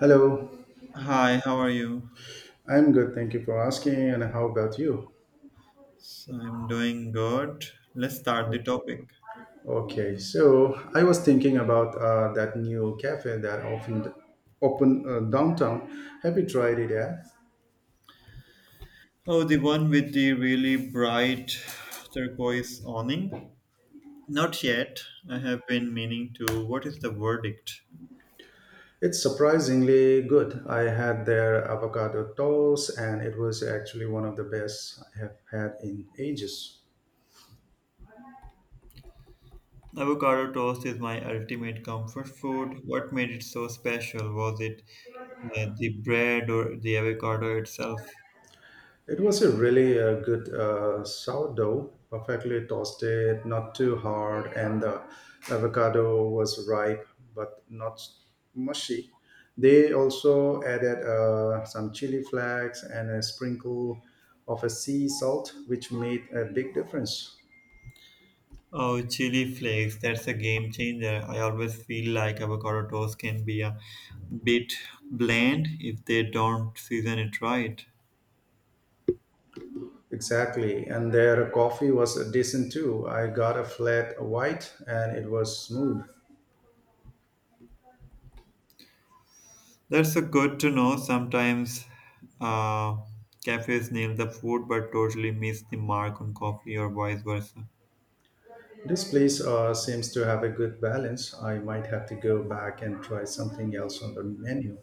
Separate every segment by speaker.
Speaker 1: Hello,
Speaker 2: Hi, how are you?
Speaker 1: I'm good. Thank you for asking. And how about you?
Speaker 2: So I'm doing good. Let's start the
Speaker 1: Okay.
Speaker 2: topic.
Speaker 1: Okay. So I was thinking about that new cafe that often open downtown. Have you tried it yet?
Speaker 2: Oh, the one with the really bright turquoise awning? Not yet. I have been meaning to. What is the verdict?
Speaker 1: It's surprisingly good. I had their avocado toast, and it was actually one of the best I have had in ages.
Speaker 2: Avocado toast is my ultimate comfort food. What made it so special? Was it the bread or the avocado itself?
Speaker 1: It was a really good sourdough, perfectly toasted, not too hard, and the avocado was ripe but not mushy. They also added some chili flakes and a sprinkle of a sea salt, which made a big difference.
Speaker 2: Oh, chili flakes, that's a game changer. I always feel like avocado toast can be a bit bland if they don't season it right.
Speaker 1: Exactly, and their coffee was decent too. I got a flat white, and it was smooth.
Speaker 2: That's a good to know. Sometimes, uh, cafes nail the food but totally miss the mark on coffee or vice versa.
Speaker 1: This place seems to have a good balance. I might have to go back and try something else on the menu.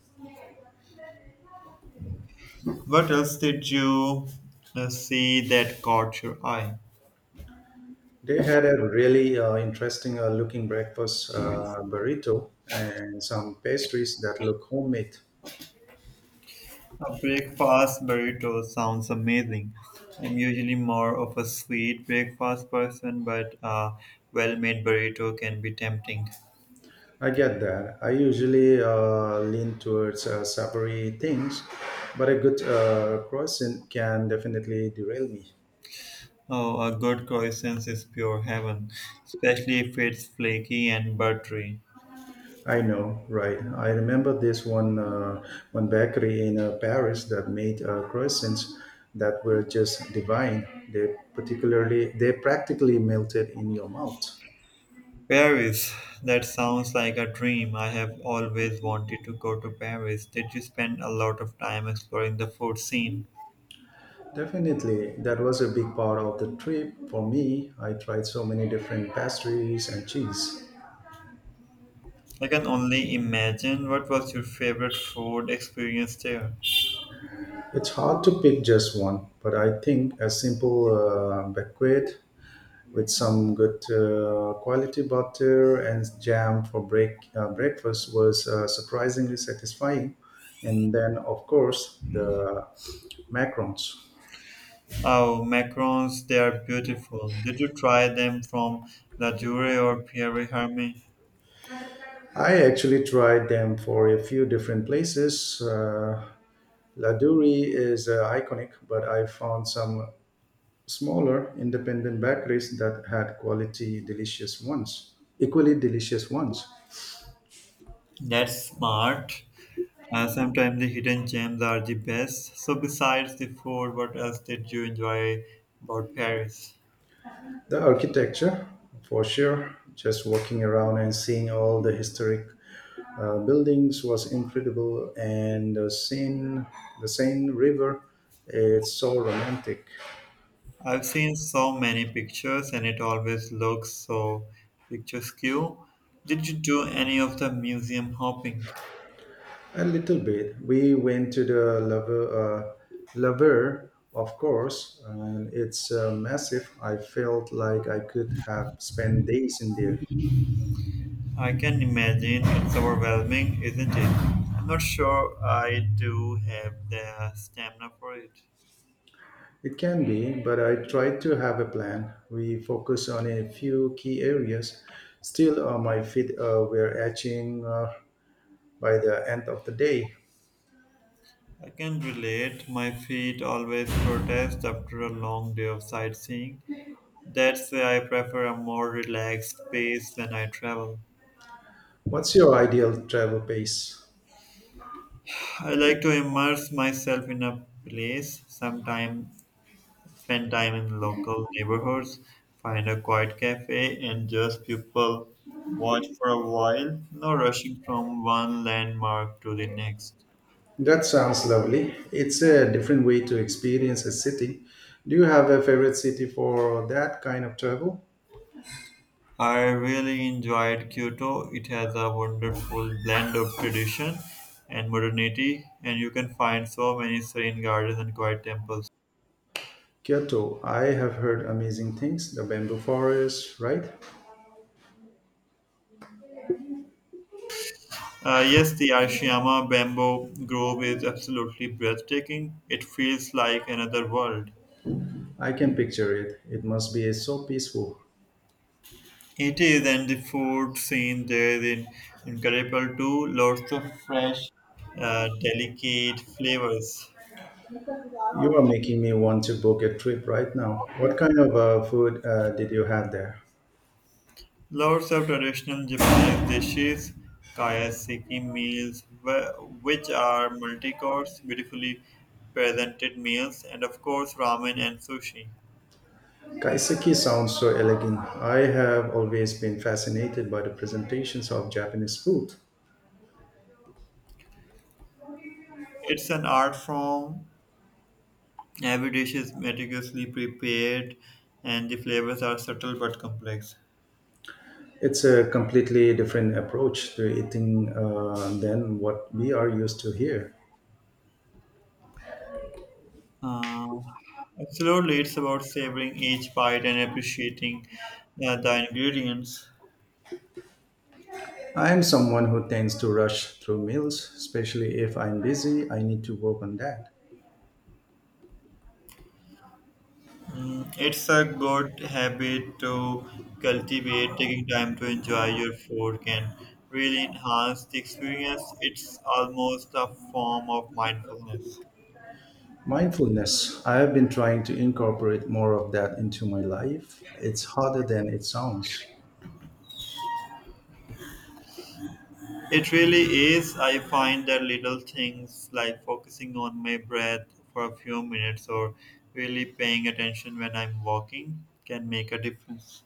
Speaker 2: What else did you see that caught your eye?
Speaker 1: They had a really interesting looking breakfast burrito and some pastries that look homemade.
Speaker 2: A breakfast burrito sounds amazing. I'm usually more of a sweet breakfast person, but a well-made burrito can be tempting.
Speaker 1: I get that. I usually lean towards savory things, but a good croissant can definitely derail me.
Speaker 2: Oh, a good croissant is pure heaven, especially if it's flaky and buttery.
Speaker 1: I know, right? I remember this one bakery in Paris that made croissants that were just divine. They particularly they practically melted in your mouth.
Speaker 2: Paris, that sounds like a dream. I have always wanted to go to Paris. Did you spend a lot of time exploring the food scene?
Speaker 1: Definitely, that was a big part of the trip for me. I tried so many different pastries and cheese.
Speaker 2: I can only imagine what was your favorite food experience there.
Speaker 1: It's hard to pick just one, but I think a simple baguette with some good quality butter and jam for breakfast was surprisingly satisfying. And then, of course, the macarons.
Speaker 2: Oh, macarons, they are beautiful. Did you try them from La Jure or Pierre Hermé?
Speaker 1: I actually tried them for a few different places. La is iconic, but I found some smaller independent bakeries that had equally delicious ones.
Speaker 2: That's smart. Sometimes the hidden gems are the best. So, besides the food, what else did you enjoy about Paris?
Speaker 1: The architecture, for sure. Just walking around and seeing all the historic buildings was incredible, and the Seine River, it's so romantic.
Speaker 2: I've seen so many pictures, and it always looks so picturesque. Did you do any of the museum hopping?
Speaker 1: A little bit. We went to the Lover, of course, and it's massive. I felt like I could have spent days in there.
Speaker 2: I can imagine it's overwhelming, isn't it? I'm not sure I do have the stamina for it.
Speaker 1: It can be, but I try to have a plan. We focus on a few key areas. Still, my feet were etching by the end of the day.
Speaker 2: I can relate. My feet always protest after a long day of sightseeing. That's why I prefer a more relaxed space when I travel.
Speaker 1: What's your ideal travel pace?
Speaker 2: I like to immerse myself in a place, sometimes spend time in local neighborhoods, find a quiet cafe, and just people watch for a while, no rushing from one landmark to the next.
Speaker 1: That sounds lovely. It's a different way to experience a city. Do you have a favorite city for that kind of travel?
Speaker 2: I really enjoyed Kyoto. It has a wonderful blend of tradition and modernity, and you can find so many serene gardens and quiet temples.
Speaker 1: Kyoto. I have heard amazing things. The bamboo forest, right?
Speaker 2: Yes, the Arashiyama Bamboo Grove is absolutely breathtaking. It feels like another world.
Speaker 1: I can picture it. It must be so peaceful.
Speaker 2: It is, and the food scene there is incredible too. Lots of fresh, delicate flavors.
Speaker 1: You are making me want to book a trip right now. What kind of food did you have there?
Speaker 2: Lots of traditional Japanese dishes, kayaseki meals, which are multi-course, beautifully presented meals, and of course ramen and sushi.
Speaker 1: Kaiseki sounds so elegant. I have always been fascinated by the presentations of Japanese food.
Speaker 2: It's an art form. Every dish is meticulously prepared, and the flavors are subtle but complex.
Speaker 1: It's a completely different approach to eating than what we are used to here.
Speaker 2: Uh, Absolutely, it's about savoring each bite and appreciating the ingredients.
Speaker 1: I am someone who tends to rush through meals, especially if I'm busy. I need to work on that.
Speaker 2: Mm, it's a good habit to cultivate. Taking time to enjoy your food can really enhance the experience. It's almost a form of mindfulness.
Speaker 1: Mindfulness. I have been trying to incorporate more of that into my life. It's harder than it sounds.
Speaker 2: It really is. I find that little things like focusing on my breath for a few minutes or really paying attention when I'm walking can make a difference.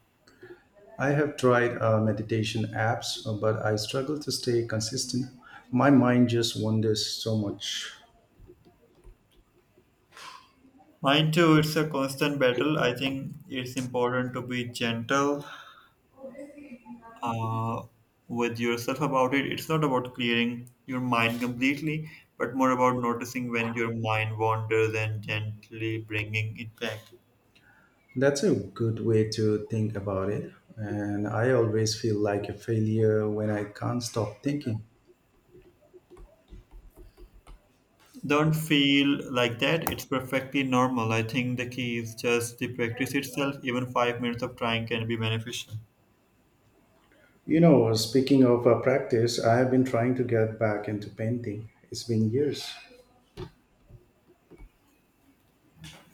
Speaker 1: I have tried meditation apps, but I struggle to stay consistent. My mind just wanders so much.
Speaker 2: Mine too, it's a constant battle. I think it's important to be gentle uh, with yourself about it. It's not about clearing your mind completely, but more about noticing when your mind wanders and gently bringing it back.
Speaker 1: That's a good way to think about it. And I always feel like a failure when I can't stop thinking.
Speaker 2: Don't feel like that. It's perfectly normal. I think the key is just the practice itself. Even 5 minutes of trying can be beneficial.
Speaker 1: You know, speaking of practice, I have been trying to get back into painting. It's been years.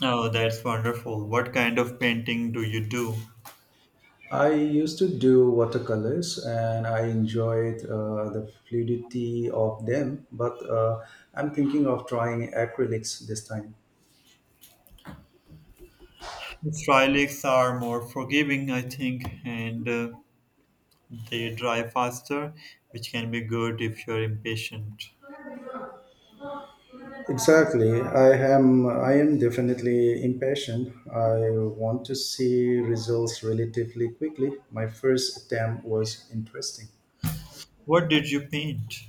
Speaker 2: Oh, that's wonderful. What kind of painting do you do?
Speaker 1: I used to do watercolors and I enjoyed the fluidity of them, but I'm thinking of trying acrylics this time.
Speaker 2: Shrylaks are more forgiving, I think, and they dry faster, which can be good if you're impatient.
Speaker 1: Exactly. I am definitely impatient. I want to see results relatively quickly. My first attempt was interesting.
Speaker 2: What did you paint?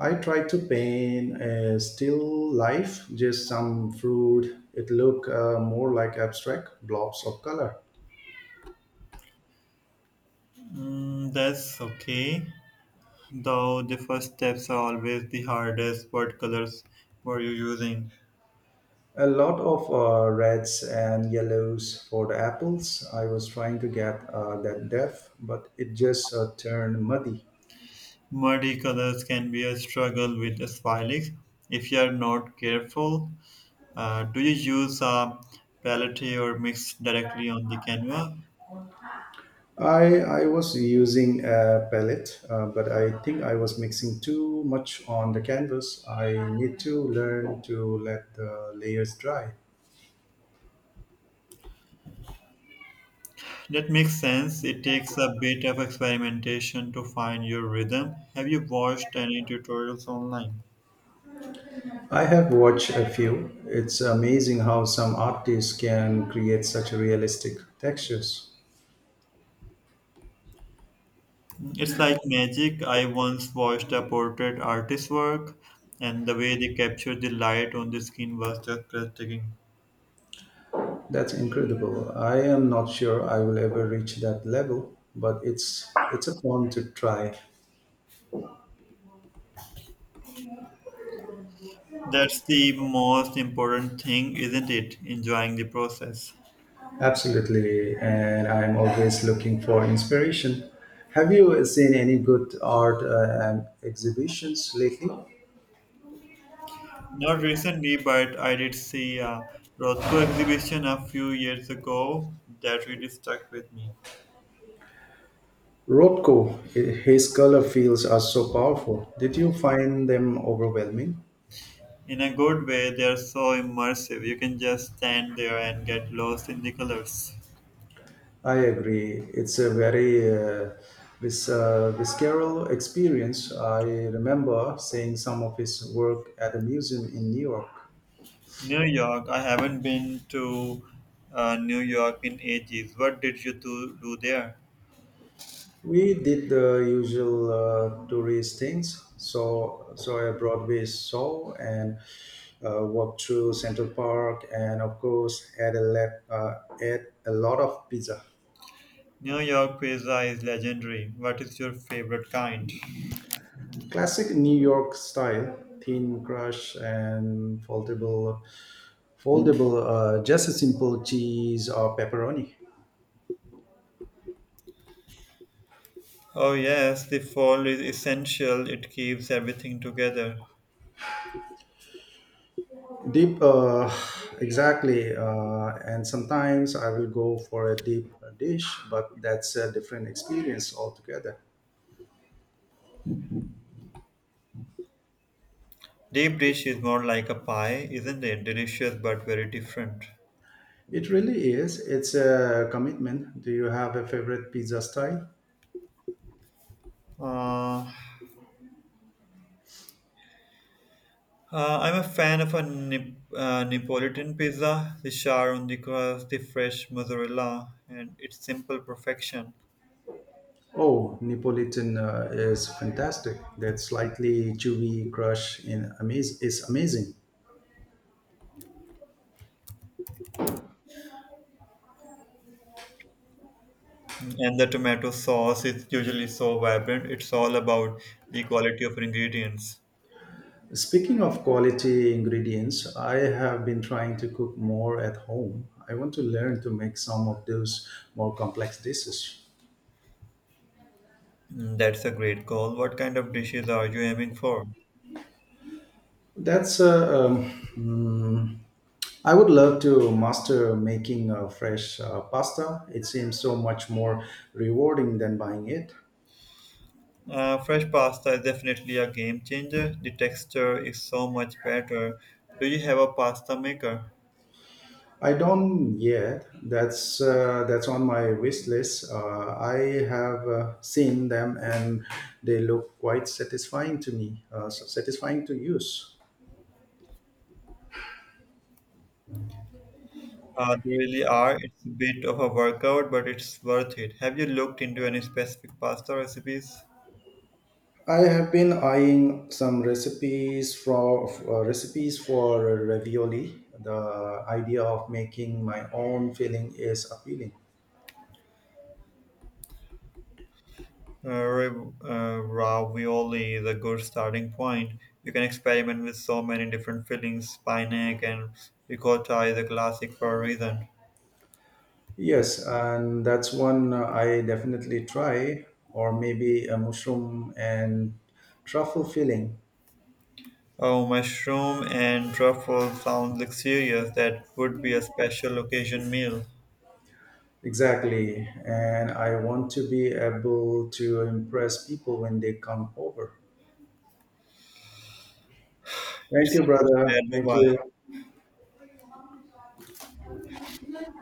Speaker 1: I tried to paint a still life, just some fruit. It looked more like abstract blobs of color.
Speaker 2: Mm, that's okay, though the first steps are always the hardest. What colors were you using?
Speaker 1: A lot of reds and yellows for the apples. I was trying to get that depth, but it just turned muddy.
Speaker 2: Muddy colors can be a struggle with Shrylaks if you are not careful. Do you use a palette or mix directly on the canvas?
Speaker 1: I was using a palette, but I think I was mixing too much on the canvas. I need to learn to let the layers dry.
Speaker 2: That makes sense. It takes a bit of experimentation to find your rhythm. Have you watched any tutorials online?
Speaker 1: I have watched a few. It's amazing how some artists can create such realistic textures.
Speaker 2: It's like magic. I once watched a portrait artist's work, and the way they captured the light on the skin was just breathtaking.
Speaker 1: That's incredible. I am not sure I will ever reach that level, but it's a fun to try.
Speaker 2: That's the most important thing, isn't it? Enjoying the process.
Speaker 1: Absolutely, and I'm always looking for inspiration. Have you seen any good art exhibitions lately?
Speaker 2: Not recently, but I did see a Rothko exhibition a few years ago that really stuck with me.
Speaker 1: Rothko, his color fields are so powerful. Did you find them overwhelming?
Speaker 2: In a good way, they're so immersive. You can just stand there and get lost in the colors.
Speaker 1: I agree. It's a very visceral experience. I remember seeing some of his work at a museum in New York.
Speaker 2: New York, I haven't been to New York in ages. What did you do there?
Speaker 1: We did the usual tourist things. So a Broadway show and walked through Central Park, and of course, had a lot of pizza.
Speaker 2: New York pizza is legendary. What is your favorite kind?
Speaker 1: Classic New York style, thin crust and foldable. Just a simple cheese or pepperoni.
Speaker 2: Oh yes, the fold is essential. It keeps everything together.
Speaker 1: Deep, uh, exactly. And sometimes I will go for a deep dish, but that's a different experience altogether.
Speaker 2: Deep dish is more like a pie, isn't it? Delicious but very different.
Speaker 1: It really is. It's a commitment. Do you have a favorite pizza style?
Speaker 2: uh, I'm a fan of a Neapolitan pizza, the char on the crust, the fresh mozzarella, and its simple perfection.
Speaker 1: Oh, Neapolitan is fantastic. That slightly chewy crust in amaz- is amazing.
Speaker 2: And the tomato sauce is usually so vibrant. It's all about the quality of ingredients.
Speaker 1: Speaking of quality ingredients, I have been trying to cook more at home. I want to learn to make some of those more complex dishes.
Speaker 2: Mm, that's a great call. What kind of dishes are you aiming for?
Speaker 1: That's uh, um, mm, I would love to master making fresh pasta. It seems so much more rewarding than buying it.
Speaker 2: Fresh pasta is definitely a game changer. The texture is so much better. Do you have a pasta maker?
Speaker 1: I don't yet. That's on my wish list. I have seen them and they look quite satisfying to me. Satisfying to use.
Speaker 2: They really are. It's a bit of a workout, but it's worth it. Have you looked into any specific pasta recipes?
Speaker 1: I have been eyeing some recipes for ravioli. The idea of making my own filling is appealing.
Speaker 2: Ravioli is a good starting point. You can experiment with so many different fillings. Spinach and ricotta is a classic for a reason.
Speaker 1: Yes, and that's one I definitely try, or maybe a mushroom and truffle filling.
Speaker 2: Oh, mushroom and truffle sounds luxurious. That would be a special occasion meal.
Speaker 1: Exactly, and I want to be able to impress people when they come over. Thank
Speaker 2: It's
Speaker 1: you,
Speaker 2: a good
Speaker 1: brother. Thank
Speaker 2: share.
Speaker 1: you.